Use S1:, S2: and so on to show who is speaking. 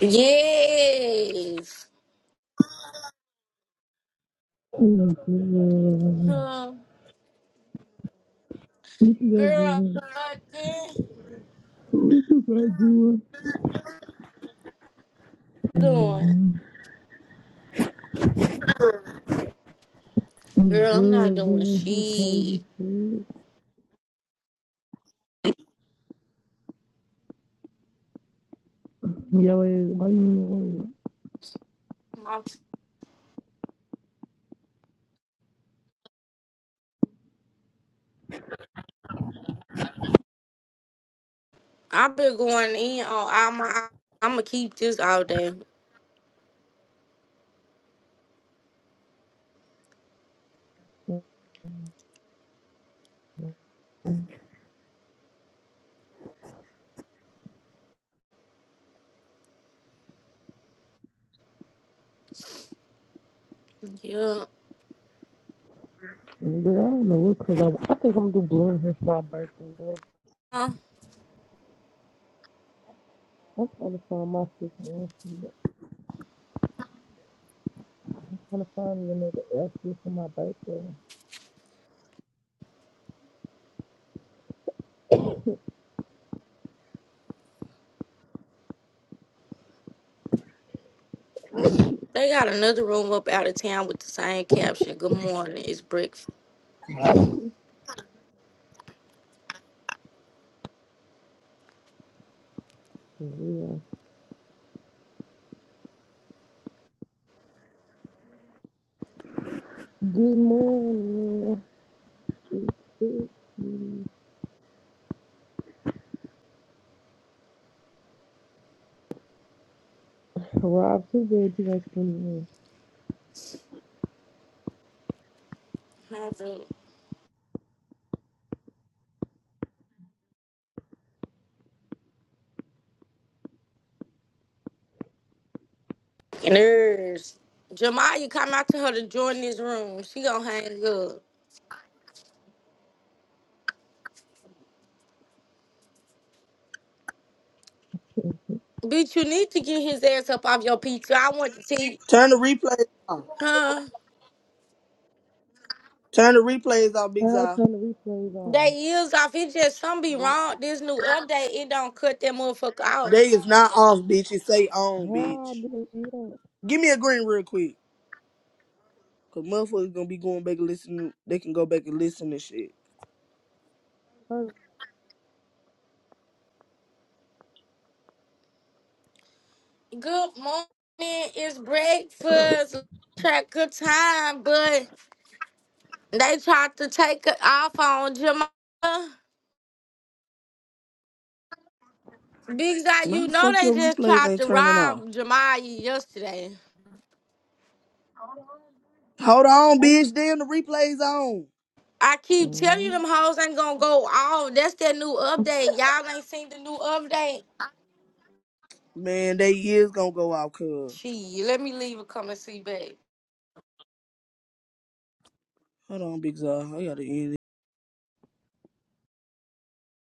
S1: Yes.
S2: Look at that boy.
S1: Huh.
S2: Look at
S1: Girl,
S2: that
S1: what
S2: boy.
S1: you doing? Girl, I'm
S2: Girl,
S1: not doing
S2: man, he told
S1: shit.
S2: Yo, why you
S1: My- I've been going in on all my. I'm gonna keep this all day. Yeah.
S2: Girl, I don't know what cause I I think I'm gonna do blue hair for my birthday, girl.
S1: Huh.
S2: I'm trying to find my sister and I'm trying to find me another outfit for my birthday.
S1: They got another room up out of town with the same caption. Good morning. It's breakfast.
S2: For real. Good morning. Rob, too bad you ain't 21.
S1: How's it? And there's Jamaya come out to her to join this room. She gonna hang up. Bitch, you need to get his ass up off your pizza. I want to see.
S3: Turn the replays off.
S1: Huh?
S3: Turn the replays off, Big
S2: How I
S3: Zai.
S2: turn the replays on?
S1: They is off. It just some be wrong. This new update, it don't cut that motherfucker out.
S3: They is not off, bitch. It say on, bitch.
S2: How I do this shit on?
S3: Give me a green real quick. Cause motherfuckers gonna be going back and listening. They can go back and listen to shit.
S2: First,
S1: Good morning. It's breakfast. Track good time, but they tried to take it off on Jamal. Big Zai,
S3: Why
S1: you
S3: the
S1: know
S3: fuck
S1: they
S3: your
S1: just
S3: replays
S1: tried
S3: ain't
S1: to
S3: turning off?
S1: rob Jamal yesterday.
S3: Hold on, bitch. Damn, the replays on.
S1: I keep telling
S2: Hmm.
S1: you them hoes ain't gonna go off. That's that new update. Y'all ain't seen the new update.
S3: Man, they is gonna go out, cuz.
S1: Gee, let me leave a comment see back.
S3: Hold on, Big Zai. I gotta end it.